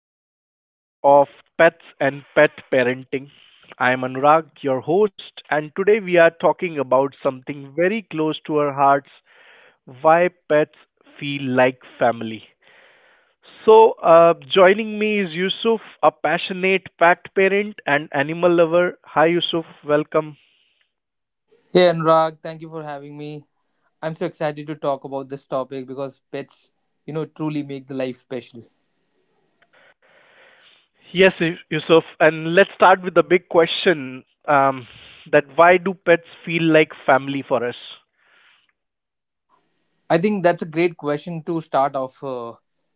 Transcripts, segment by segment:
to today's episode of Pets and Pet Parenting. I am Anurag, your host, and today we are talking about something very close to our hearts, why pets feel like family. So, joining me is Yusuf, a passionate pet parent and animal lover. Hi, Yusuf. Welcome. Yeah, Anurag, thank you for having me. I'm so excited to talk about this topic because pets, you know, truly make the life special. Yes, Yusuf. And let's start with the big question, that why do pets feel like family for us? I think that's a great question to start off.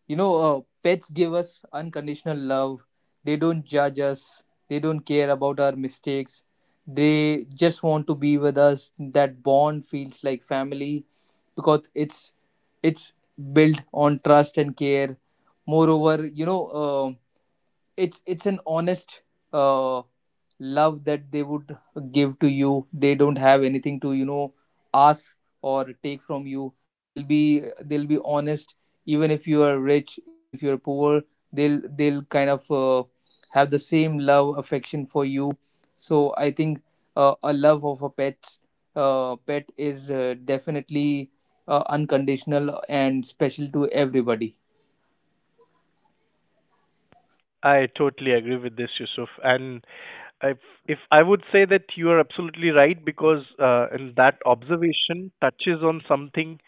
You know, pets give us unconditional love. They don't judge us. They don't care about our mistakes. They just want to be with us. That bond feels like family because it's built on trust and care. Moreover, it's an honest uh, love that they would give to you. They don't have anything to, you know, ask or take from you. They'll be honest, even if you are rich, even if you're poor. They'll kind of have the same love affection for you. So I think a love of a pet, pet is definitely unconditional and special to everybody. I totally agree with this, Yusuf. And if if I would say that you are absolutely right, because and that observation touches on something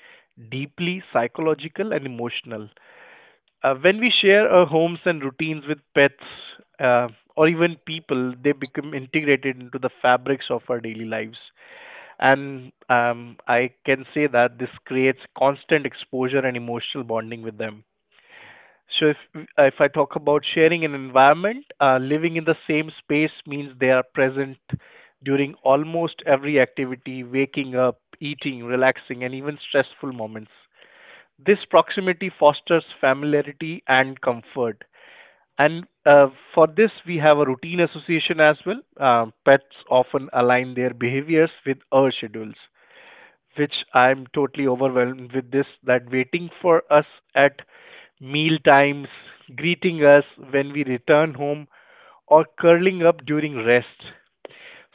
deeply psychological and emotional. When we share our homes and routines with pets, uh, or even people, they become integrated into the fabrics of our daily lives. And I can say that this creates constant exposure and emotional bonding with them. So if I talk about sharing an environment, living in the same space means they are present during almost every activity, waking up, eating, relaxing, and even stressful moments. This proximity fosters familiarity and comfort. And for this, we have a routine association as well. Pets often align their behaviors with our schedules, which I'm totally overwhelmed with, this that waiting for us at meal times, greeting us when we return home, or curling up during rest.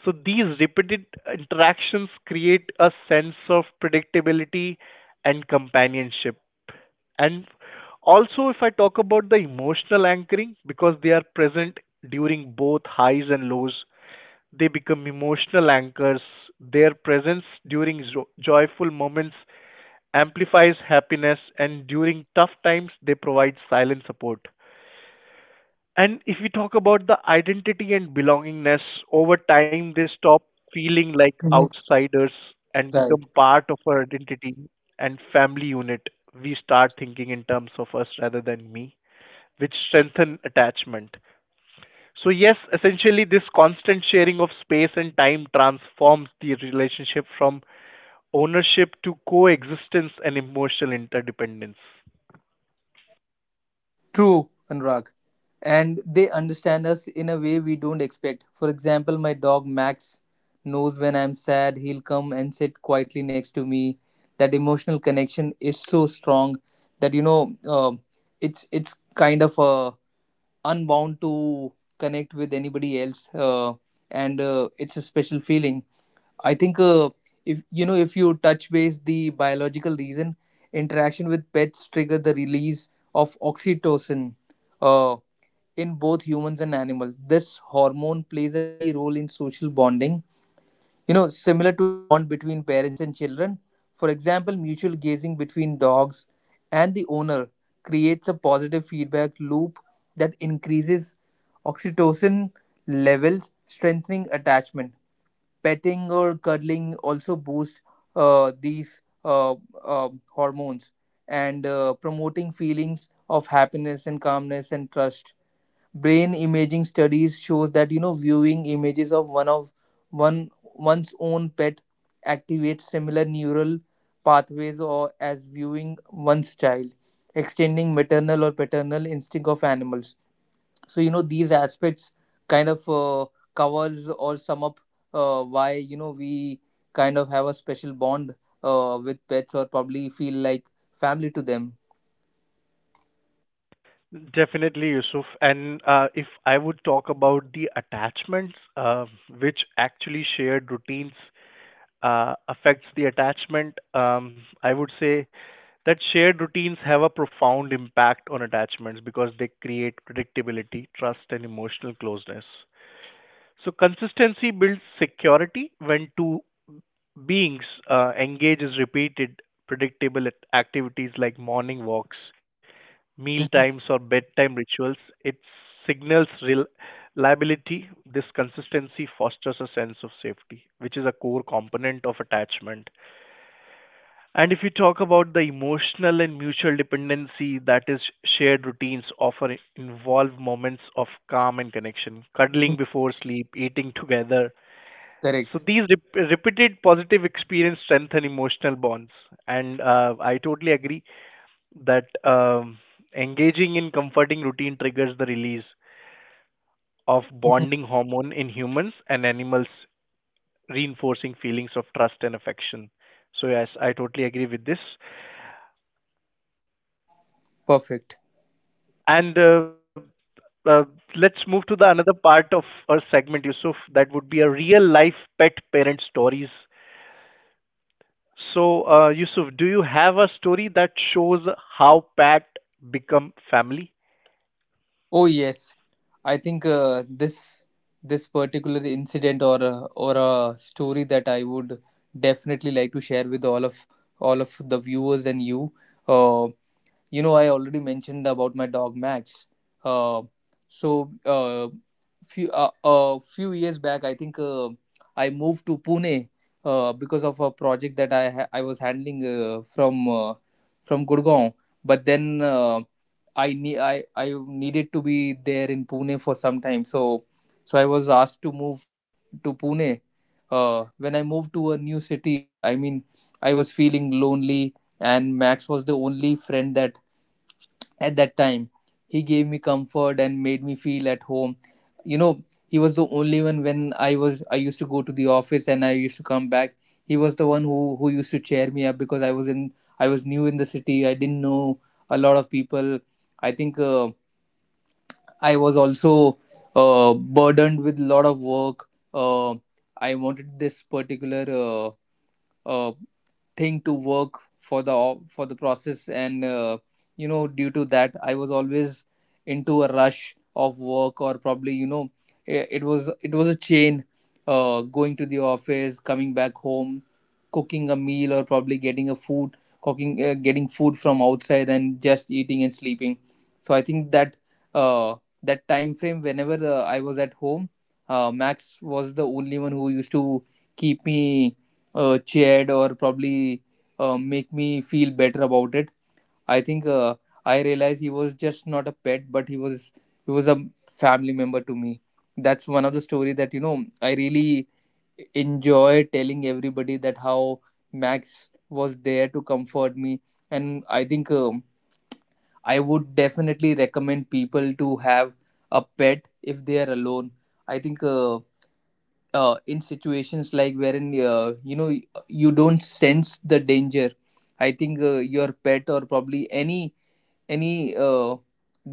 So these repeated interactions create a sense of predictability and companionship. And also, if I talk about the emotional anchoring, because they are present during both highs and lows, they become emotional anchors. Their presence during joyful moments amplifies happiness, and during tough times, they provide silent support. And if we talk about the identity and belongingness, over time they stop feeling like Mhm. outsiders and become part of our identity and family unit. We start thinking in terms of us rather than me, which strengthen attachment. So yes, essentially this constant sharing of space and time transforms the relationship from ownership to coexistence and emotional interdependence. True, Anurag. And they understand us in a way we don't expect. For example, my dog Max knows when I'm sad, he'll come and sit quietly next to me. That emotional connection is so strong that, you know, it's kind of unbound to connect with anybody else, and it's a special feeling. I think if, you know, if you touch base the biological reason, interaction with pets trigger the release of oxytocin uh, in both humans and animals. This hormone plays a key role in social bonding. You know, similar to the bond between parents and children. For example, mutual gazing between dogs and the owner creates a positive feedback loop that increases oxytocin levels, strengthening attachment. Petting or cuddling also boosts these hormones, and promoting feelings of happiness and calmness and trust. Brain imaging studies shows that, you know, viewing images of one's own pet activates similar neural pathways or as viewing one's child, extending maternal or paternal instinct of animals. So, you know, these aspects kind of covers or sum up why, you know, we kind of have a special bond with pets or probably feel like family to them. Definitely, Yusuf. And if I would talk about the attachments, which actually shared routines affects the attachment, I would say that shared routines have a profound impact on attachments because they create predictability, trust, and emotional closeness. So consistency builds security when two beings engage as repeated activities like morning walks, meal times, Mhm. or bedtime rituals. It signals reliability. This consistency fosters a sense of safety, which is a core component of attachment. And if you talk about the emotional and mutual dependency, that is, shared routines often involve moments of calm and connection, Mhm. cuddling before sleep, eating together. So Correct. these repeated positive experience strengthen emotional bonds, and I totally agree that engaging in comforting routine triggers the release of Mhm. bonding hormone in humans and animals, reinforcing feelings of trust and affection. So yes, I totally agree with this. Perfect. And uh, let's move to the another part of our segment, Yusuf. That would be a real life pet parent stories. So Yusuf, do you have a story that shows how pet become family? Oh yes, I think this particular incident or a story that I would definitely like to share with all of the viewers and you. Uh, you know, I already mentioned about my dog Max. uh, so uh, Few years back, I think I moved to Pune, because of a project that I was handling from Gurgaon. But then I needed to be there in Pune for some time, so I was asked to move to Pune. When I moved to a new city, I mean, I was feeling lonely, and Max was the only friend that at that time. He gave me comfort and made me feel at home. You know, he was the only one when I used to go to the office and I used to come back. He was the one who used to cheer me up because I was new in the city. I didn't know a lot of people. I think I was also burdened with a lot of work. I wanted this particular uh, thing to work for the process, and you know, due to that, I was always into a rush of work, or probably, you know, it was a chain, going to the office, coming back home, cooking a meal, or probably getting a food, cooking, getting food from outside and just eating and sleeping. So I think that uh, that time frame, whenever I was at home, Max was the only one who used to keep me cheered or probably make me feel better about it. I think I realized he was just not a pet, but he was a family member to me. That's one of the story that, you know, I really enjoy telling everybody, that how Max was there to comfort me. And I think I would definitely recommend people to have a pet if they are alone. I think. In situations like wherein, you know, you don't sense the danger, I think your pet or probably any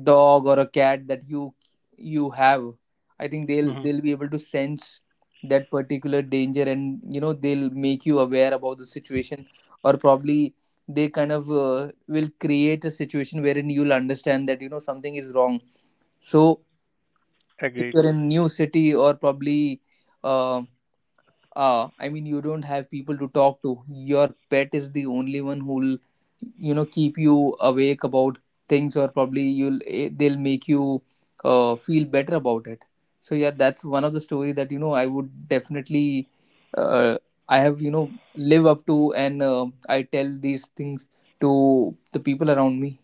dog or a cat that you have, I think they'll be Hmm. able to sense that particular danger, and you know, they'll make you aware about the situation, or probably they kind of will create a situation wherein you'll understand that, you know, something is wrong. So if you're Agreed. in new city or probably uh, I mean, you don't have people to talk to, your pet is the only one who'll, you know, keep you awake about things, or probably you'll they'll make you feel better about it. So yeah, that's one of the stories that, you know, I would definitely uh, I have, you know, live up to, and I tell these things to the people around me.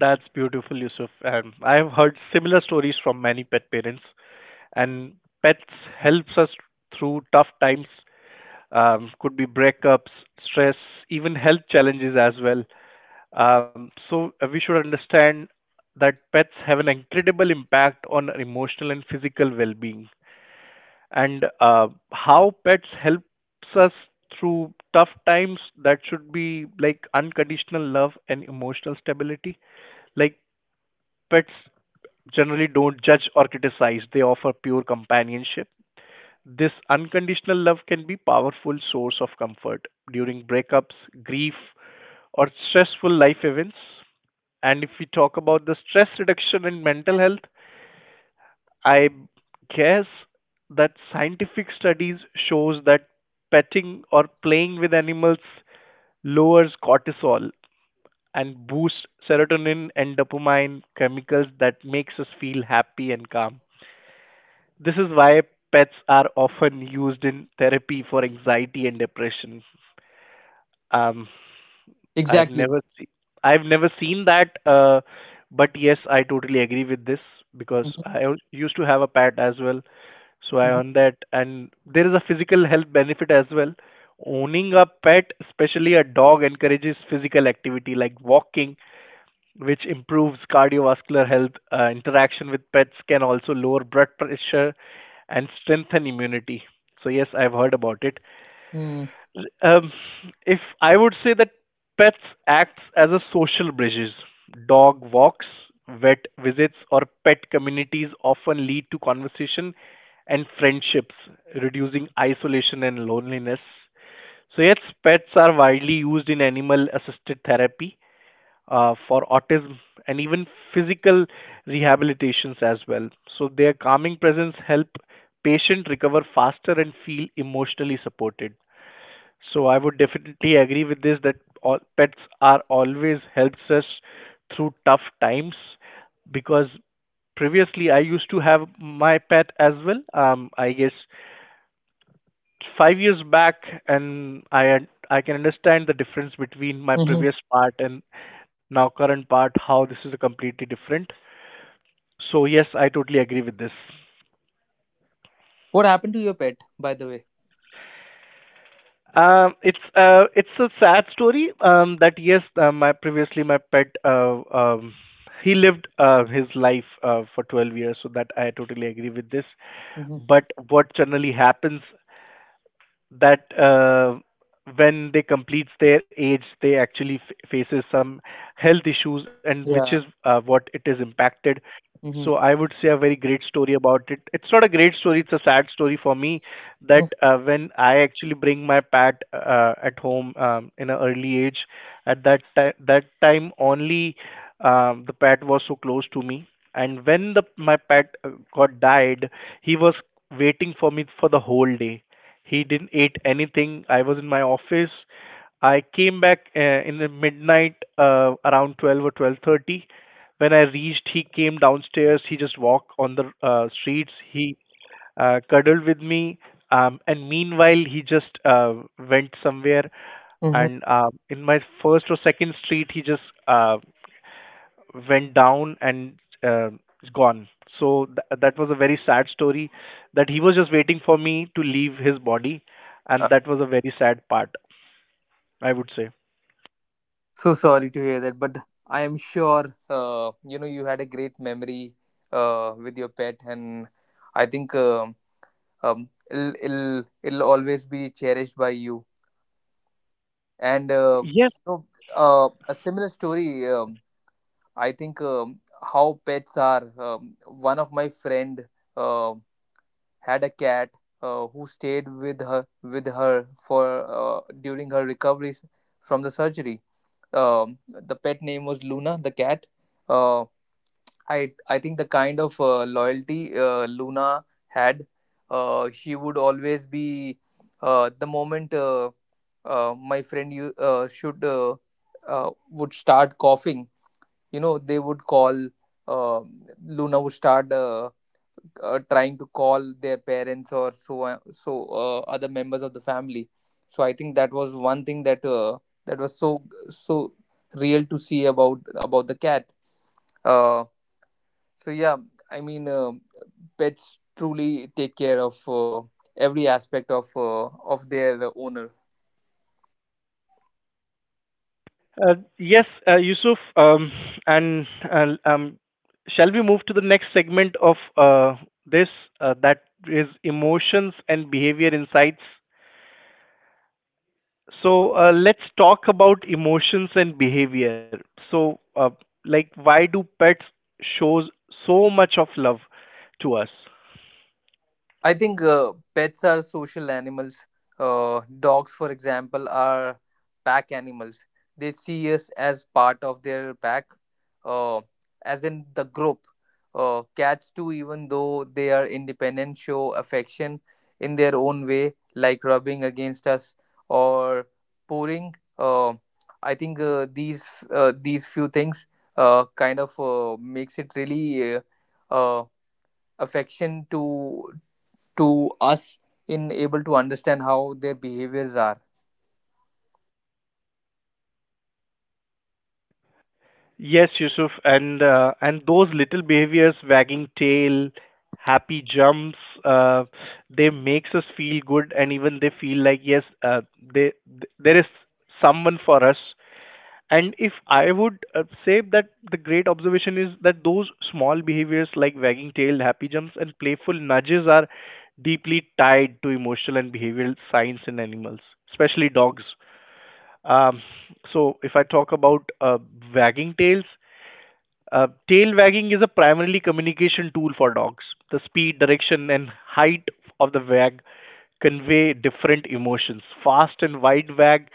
That's beautiful, Yusuf. And I've heard similar stories from many pet parents. And pets helps us through tough times. Could be breakups, stress, even health challenges as well. So we should understand that pets have an incredible impact on our emotional and physical well-being. And how pets helps us through tough times, that should be like unconditional love and emotional stability. Like pets generally don't judge or criticize. They offer pure companionship. This unconditional love can be a powerful source of comfort during breakups, grief, or stressful life events. And if we talk about the stress reduction in mental health, I guess that scientific studies shows that petting or playing with animals lowers cortisol and boosts serotonin and dopamine, chemicals that makes us feel happy and calm. This is why pets are often used in therapy for anxiety and depression. Um, I've Exactly. never seen I've never seen that, but yes, I totally agree with this because Mhm. I used to have a pet as well, so I Mhm. own that, and there is a physical health benefit as well. Owning a pet, especially a dog, encourages physical activity like walking, which improves cardiovascular health. Interaction with pets can also lower blood pressure and strengthen immunity. So yes, I've heard about it. Mm. Um, if I would say that pets acts as a social bridges, dog walks, vet visits, or pet communities often lead to conversation and friendships, reducing isolation and loneliness. So yes, pets are widely used in animal assisted therapy for autism and even physical rehabilitations as well. So their calming presence help patient recover faster and feel emotionally supported. So I would definitely agree with this, that all pets are always helps us through tough times because previously I used to have my pet as well. I guess 5 years back, and I can understand the difference between my Mhm. previous part and now current part, how this is completely different. So yes, I totally agree with this. What happened to your pet, by the way? Um, it's a sad story, um, that yes, my previously my pet, um he lived his life for 12 years, so that I totally agree with this. Hmm. But what generally happens, that when they completes their age, they actually faces some health issues, and which is Yeah. What it is impacted. So Hmm. I would say a very great story about it. It's not a great story; it's a sad story for me that when I actually bring my pet at home, in an early age, that time only, the pet was so close to me, and when the my pet got died, he was waiting for me for the whole day. He didn't eat anything. I was in my office. I came back in the midnight around 12 or 12:30. When I reached, he came downstairs. He just walked on the streets. He cuddled with me, and meanwhile, he just went somewhere. And in my first or second street, he just went down and uh, is gone. So that was a very sad story, that he was just waiting for me to leave his body, and that was a very sad part, I would say. So sorry to hear that, but I am sure you know, you had a great memory with your pet, and I think it'll always be cherished by you. And Yes, you know, a similar story. I think how pets are. One of my friend um had a cat who stayed with her for during her recovery from the surgery. The pet name was Luna, the cat. Uh, I think the kind of loyalty Luna had, she would always be the moment my friend you should would start coughing. You know, they would call. Uh, Luna would start. Trying to call their parents or other members of the family. So I think that was one thing that that was so so real to see about the cat. uh, so yeah, I mean pets truly take care of every aspect of their owner. Yes, Yusuf, and uh, um, shall we move to the next segment of this, that is emotions and behavior insights? So let's talk about emotions and behavior. So, like, why do pets show so much of love to us? I think pets are social animals. Dogs, for example, are pack animals. They see us as part of their pack, uh, as in the group. Cats, too, even though they are independent, show affection in their own way, like rubbing against us or purring. I think these few things kind of makes it really uh, affection to us, in able to understand how their behaviors are. Yes, Yusuf, and those little behaviors, wagging tail, happy jumps, uh, they makes us feel good, and even they feel like yes, there is someone for us. And if I would say that the great observation is that those small behaviors like wagging tail, happy jumps, and playful nudges are deeply tied to emotional and behavioral science in animals, especially dogs. Um, so, if I talk about wagging tails, tail wagging is a primarily communication tool for dogs. The speed, direction, and height of the wag convey different emotions. Fast and wide wag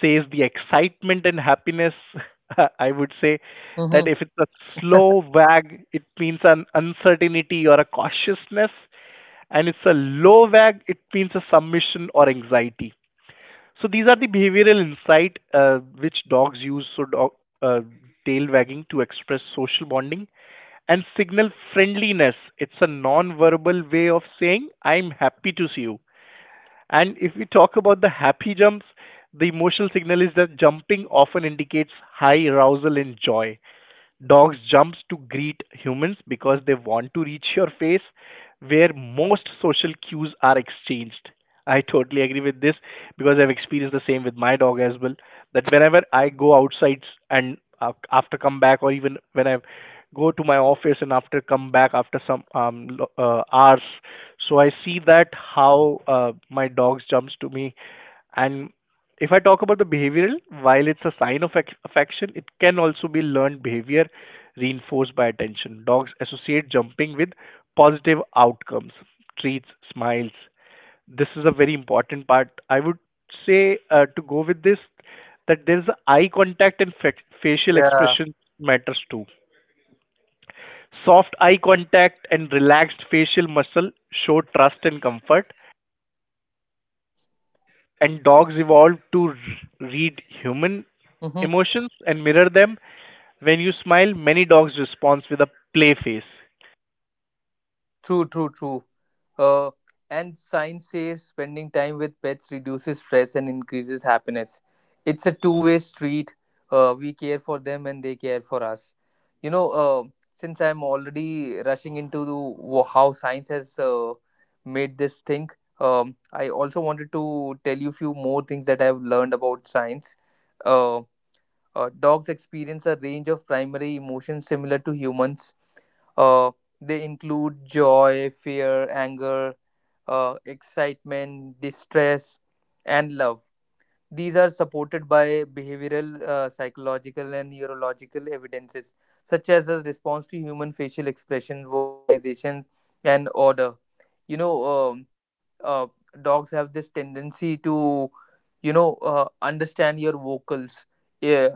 says the excitement and happiness. I would say that Mm-hmm. if it's a slow wag, it means an uncertainty or a cautiousness, and it's a low wag, it means a submission or anxiety. So these are the behavioral insight which dogs use. So dog, tail wagging to express social bonding and signal friendliness. It's a non-verbal way of saying I'm happy to see you. And if we talk about the happy jumps, the emotional signal is that jumping often indicates high arousal and joy. Dogs jumps to greet humans because they want to reach your face, where most social cues are exchanged. I totally agree with this because I've experienced the same with my dog as well. That whenever I go outside and after come back, or even when I go to my office and after come back after some hours, so I see that how my dogs jumps to me. And if I talk about the behavioral, while it's a sign of affection, it can also be learned behavior reinforced by attention. Dogs associate jumping with positive outcomes, treats, smiles. This is a very important part. I would say to go with this, that there's a eye contact and facial Yeah. expression matters too. Soft eye contact and relaxed facial muscle show trust and comfort. And dogs evolved to read human Mm-hmm. emotions and mirror them. When you smile, many dogs respond with a play face. True, true, true. uh, and science says spending time with pets reduces stress and increases happiness. It's a two-way street. We care for them and they care for us. You know, since I'm already rushing into how science has made this thing, I also wanted to tell you few more things that I've learned about science. Um, Dogs experience a range of primary emotions similar to humans. Uh, they include joy, fear, anger, excitement, distress, and love. These are supported by behavioral, psychological, and neurological evidences, such as a response to human facial expression, vocalization, and order. You know, uh, dogs have this tendency to, you know, understand your vocals. Yeah,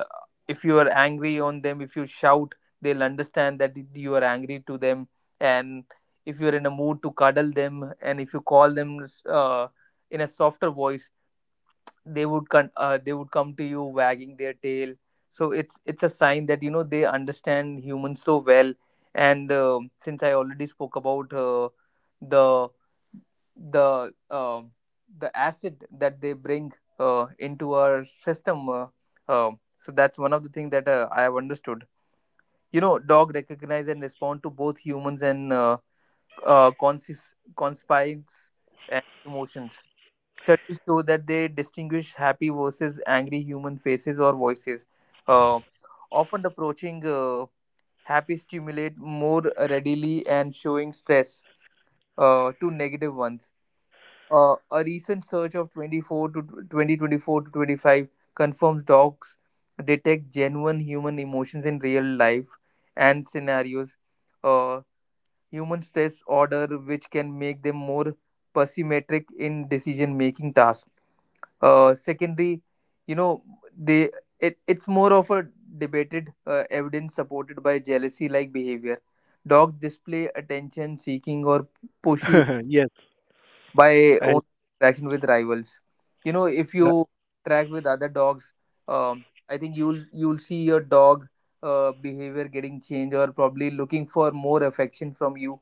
if you are angry on them, if you shout, they'll understand that you are angry to them. And if you're in a mood to cuddle them, and if you call them uh, in a softer voice, they would they would come to you wagging their tail. So it's a sign that, you know, they understand humans so well. And um, since I already spoke about the the uh, the acid that they bring into our system. Uh, so that's one of the things that I have understood. You know, dog recognize and respond to both humans and conscious conspires and emotions. Studies show that they distinguish happy versus angry human faces or voices. Uh, Often approaching happy stimulate more readily and showing stress to negative ones. A recent search of 24 to 2024 to 25 confirms dogs detect genuine human emotions in real life and scenarios. Uh, Human stress order, which can make them more pessimistic in decision making tasks. Secondly, you know, they it's more of a debated evidence supported by jealousy like behavior. Dogs display attention seeking or pushy Yes, by I, own interaction with rivals. You know, if uh, you interact with other dogs, I think you'll see your dog behavior getting changed or probably looking for more affection from you.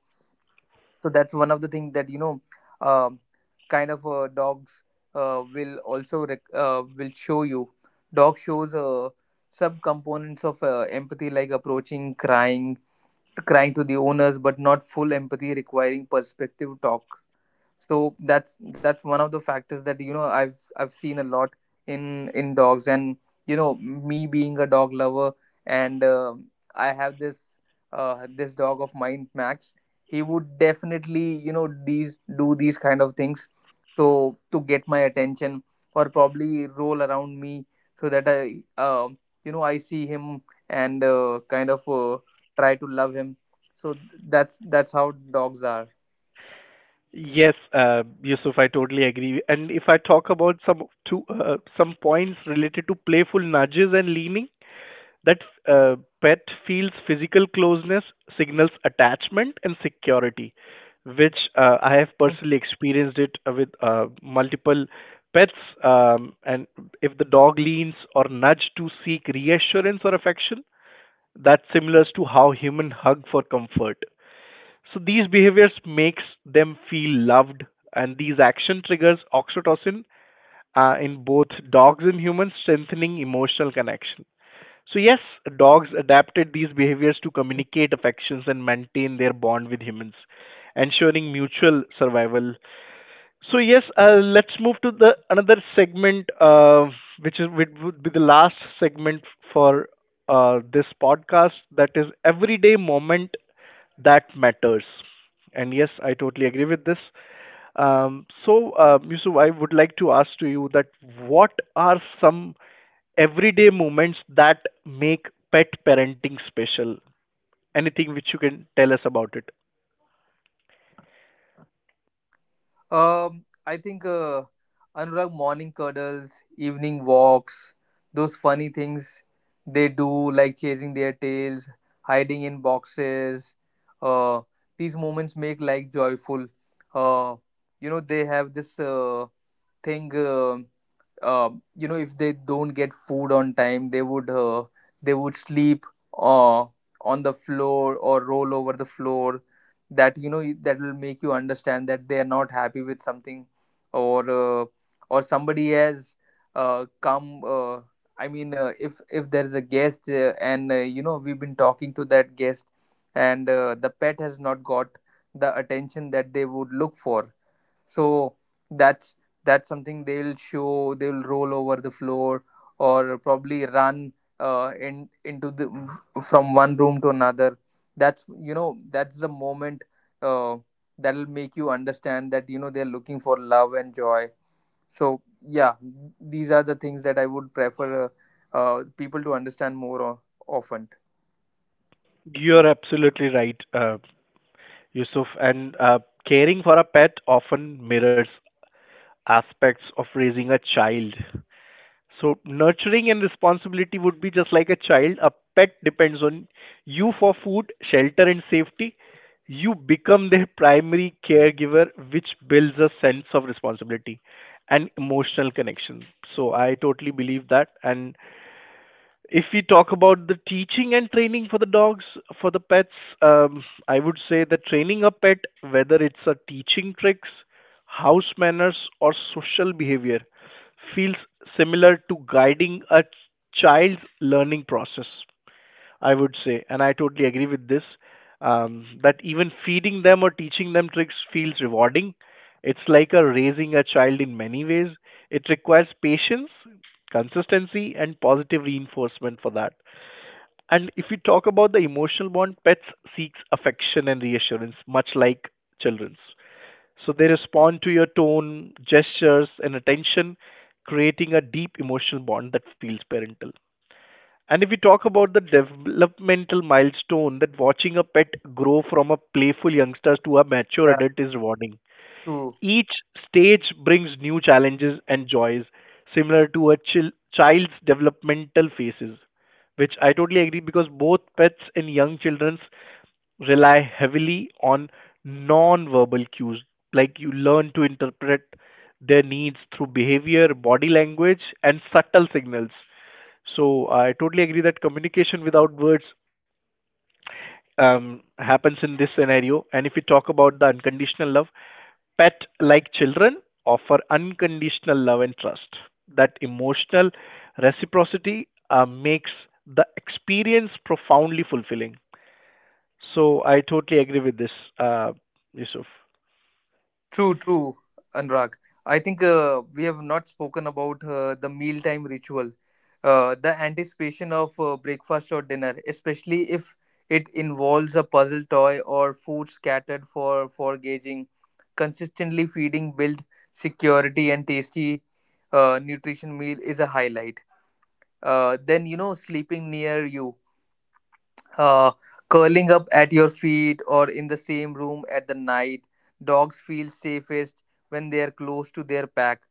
So that's one of the things that um, dogs will show you. Dog shows sub components of empathy like approaching, crying to the owners, but not full empathy requiring perspective talk. So that's one of the factors that I've seen a lot in dogs. And you know, me being a dog lover and I have this this dog of mine, Max. He would definitely, you know, these do these kind of things, so to get my attention or probably roll around me, so that I you know, I see him and try to love him. So that's how dogs are. yes, Yusuf, I totally agree. And if I talk about some two some points related to playful nudges and leaning, that uh, pet feels physical closeness, signals attachment and security, which I have personally experienced it with multiple pets, and if the dog leans or nudge to seek reassurance or affection, that's similar to how human hug for comfort. So these behaviors makes them feel loved, and these action triggers oxytocin in both dogs and humans, strengthening emotional connection. So, yes, dogs adapted these behaviors to communicate affections and maintain their bond with humans, ensuring mutual survival. So, yes, let's move to the another segment, which would be the last segment for this podcast. That is everyday moment that matters. And yes, I totally agree with this. Yusuf, I would like to ask to you that what are some everyday moments that make pet parenting special? Anything which you can tell us about it? I think Anurag, morning cuddles, evening walks, those funny things they do, like chasing their tails, hiding in boxes. Uh, these moments make life joyful. Uh, you know, they have this thing. Uh, you know, if they don't get food on time, they would sleep uh, on the floor or roll over the floor. That you know, that will make you understand that they are not happy with something, or uh, or somebody has come. If there is a guest and you know, we've been talking to that guest, and the pet has not got the attention that they would look for. So that's that's something they will show. They will roll over the floor or probably run in into the, from one room to another. That's, you know, that's the moment uh, that'll make you understand that you know, they're looking for love and joy. So yeah, these are the things that I would prefer people to understand more often. You're absolutely right, Yusuf. And caring for a pet often mirrors aspects of raising a child. So nurturing and responsibility would be just like a child. A pet depends on you for food, shelter, and safety. You become their primary caregiver, which builds a sense of responsibility and emotional connection. So I totally believe that. And if we talk about the teaching and training for the dogs, for the pets, I would say that training a pet, whether it's a teaching tricks, house manners, or social behavior, feels similar to guiding a child's learning process, I would say, and I totally agree with this, that even feeding them or teaching them tricks feels rewarding. It's like a raising a child in many ways. It requires patience, consistency, and positive reinforcement for that. And if we talk about the emotional bond, pets seeks affection and reassurance, much like children's. So they respond to your tone, gestures, and attention, creating a deep emotional bond that feels parental. And if we talk about the developmental milestone, that watching a pet grow from a playful youngster to a mature Yeah, adult is rewarding. true. Each stage brings new challenges and joys, similar to a child's developmental phases, which I totally agree, because both pets and young children rely heavily on non verbal cues, like you learn to interpret their needs through behavior, body language, and subtle signals. So I totally agree that communication without words happens in this scenario. And if we talk about the unconditional love, pet like children offer unconditional love and trust. That emotional reciprocity makes the experience profoundly fulfilling. So I totally agree with this, uh, Yusuf. True, true, Anurag. I think we have not spoken about the mealtime ritual, the anticipation of breakfast or dinner, especially if it involves a puzzle toy or food scattered for gauging. Consistently feeding build security, and tasty nutrition meal is a highlight. Then you know, sleeping near you, uh, curling up at your feet or in the same room at the night. Dogs feel safest when they are close to their pack,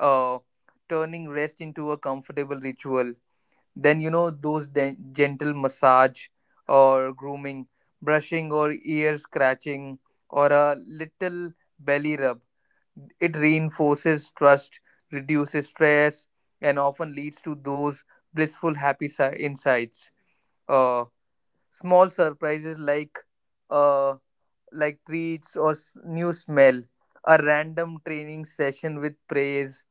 uh, turning rest into a comfortable ritual. Then, you know, those gentle massage or grooming, brushing or ear scratching, or a little belly rub. It reinforces trust, reduces stress, and often leads to those blissful, happy insights. Uh, Small surprises uh, like treats or new smell, a random training session with praise,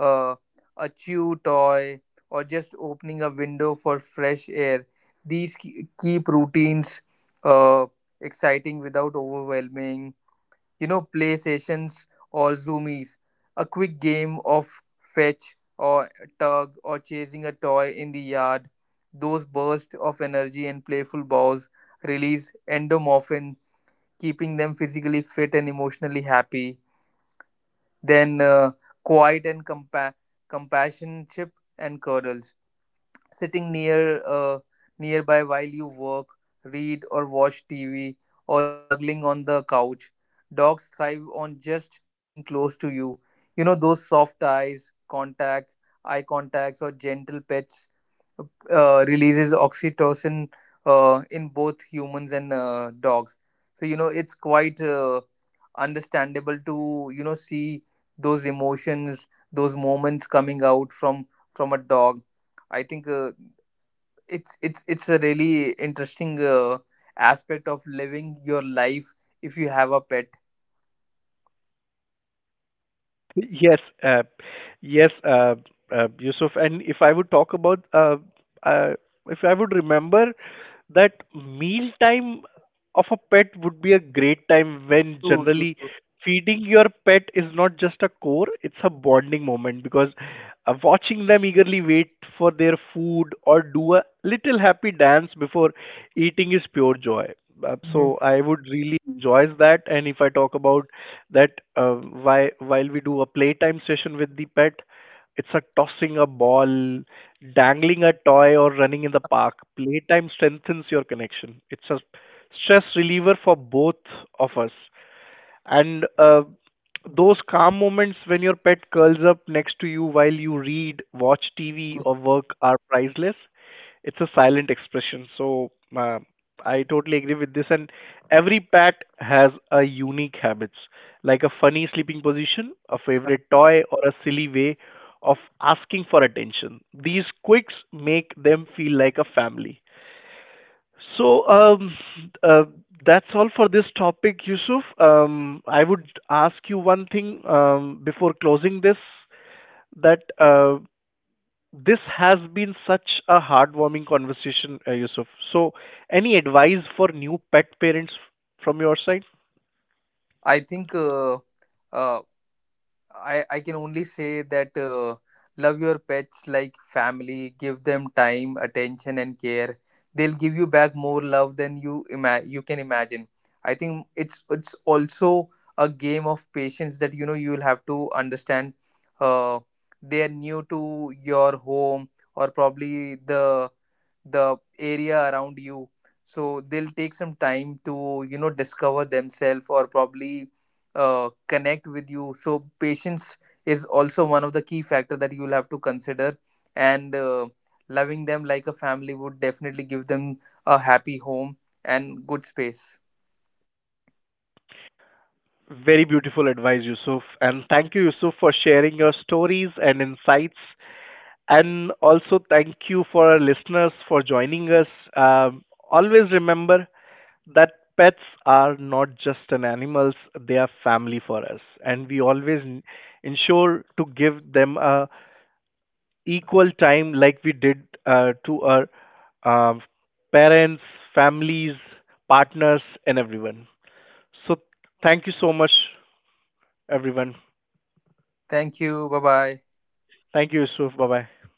uh, a chew toy, or just opening a window for fresh air. These keep routines uh, exciting without overwhelming. You know, play sessions or zoomies, a quick game of fetch or tug or chasing a toy in the yard. Those bursts of energy and playful balls release endomorphin, keeping them physically fit and emotionally happy. Then quiet and compassionship and cuddles, sitting nearby while you work, read or watch TV, or snuggling on the couch. Dogs thrive on just being close to you. You know, those soft eyes, contact, eye contacts or gentle pets uh, releases oxytocin in both humans and dogs. So you know, it's quite understandable to you know, see those emotions, those moments coming out from a dog. I think it's a really interesting aspect of living your life if you have a pet. Yes, uh, yes, uh, Yusuf. And if I would talk about, uh, if I would remember that meal time of a pet would be a great time when True, true, generally true. feeding your pet is not just a chore; it's a bonding moment, because watching them eagerly wait for their food or do a little happy dance before eating is pure joy. Uh, Mhm. so I would really enjoy that. And if I talk about that, while we do a playtime session with the pet, it's a tossing a ball, dangling a toy, or running in the park. Playtime strengthens your connection. It's a stress reliever for both of us. And those calm moments when your pet curls up next to you while you read, watch TV, Mhm. or work are priceless. It's a silent expression. So uh, I totally agree with this. And every pet has a unique habits, like a funny sleeping position, a favorite toy, or a silly way of asking for attention. These quirks make them feel like a family. So uh, that's all for this topic, Yusuf. I would ask you one thing before closing this, that this has been such a heartwarming conversation, Yusuf. So, any advice for new pet parents from your side? I think uh, I can only say that love your pets like family, give them time, attention, and care. They'll give you back more love than you can imagine. I think it's also a game of patience that you know, you'll have to understand. Uh, they are new to your home, or probably the area around you, so they'll take some time to you know, discover themselves, or probably connect with you. So patience is also one of the key factor that you'll have to consider. And loving them like a family would definitely give them a happy home and good space. Very beautiful advice, Yusuf. And thank you, Yusuf, for sharing your stories and insights. And also, thank you for our listeners for joining us. Um, always remember that pets are not just an animals, they are family for us, and we always ensure to give them a equal time like we did to our uh, parents, families, partners, and everyone. So thank you so much, everyone. Thank you, bye bye. Thank you, Yusuf, bye bye.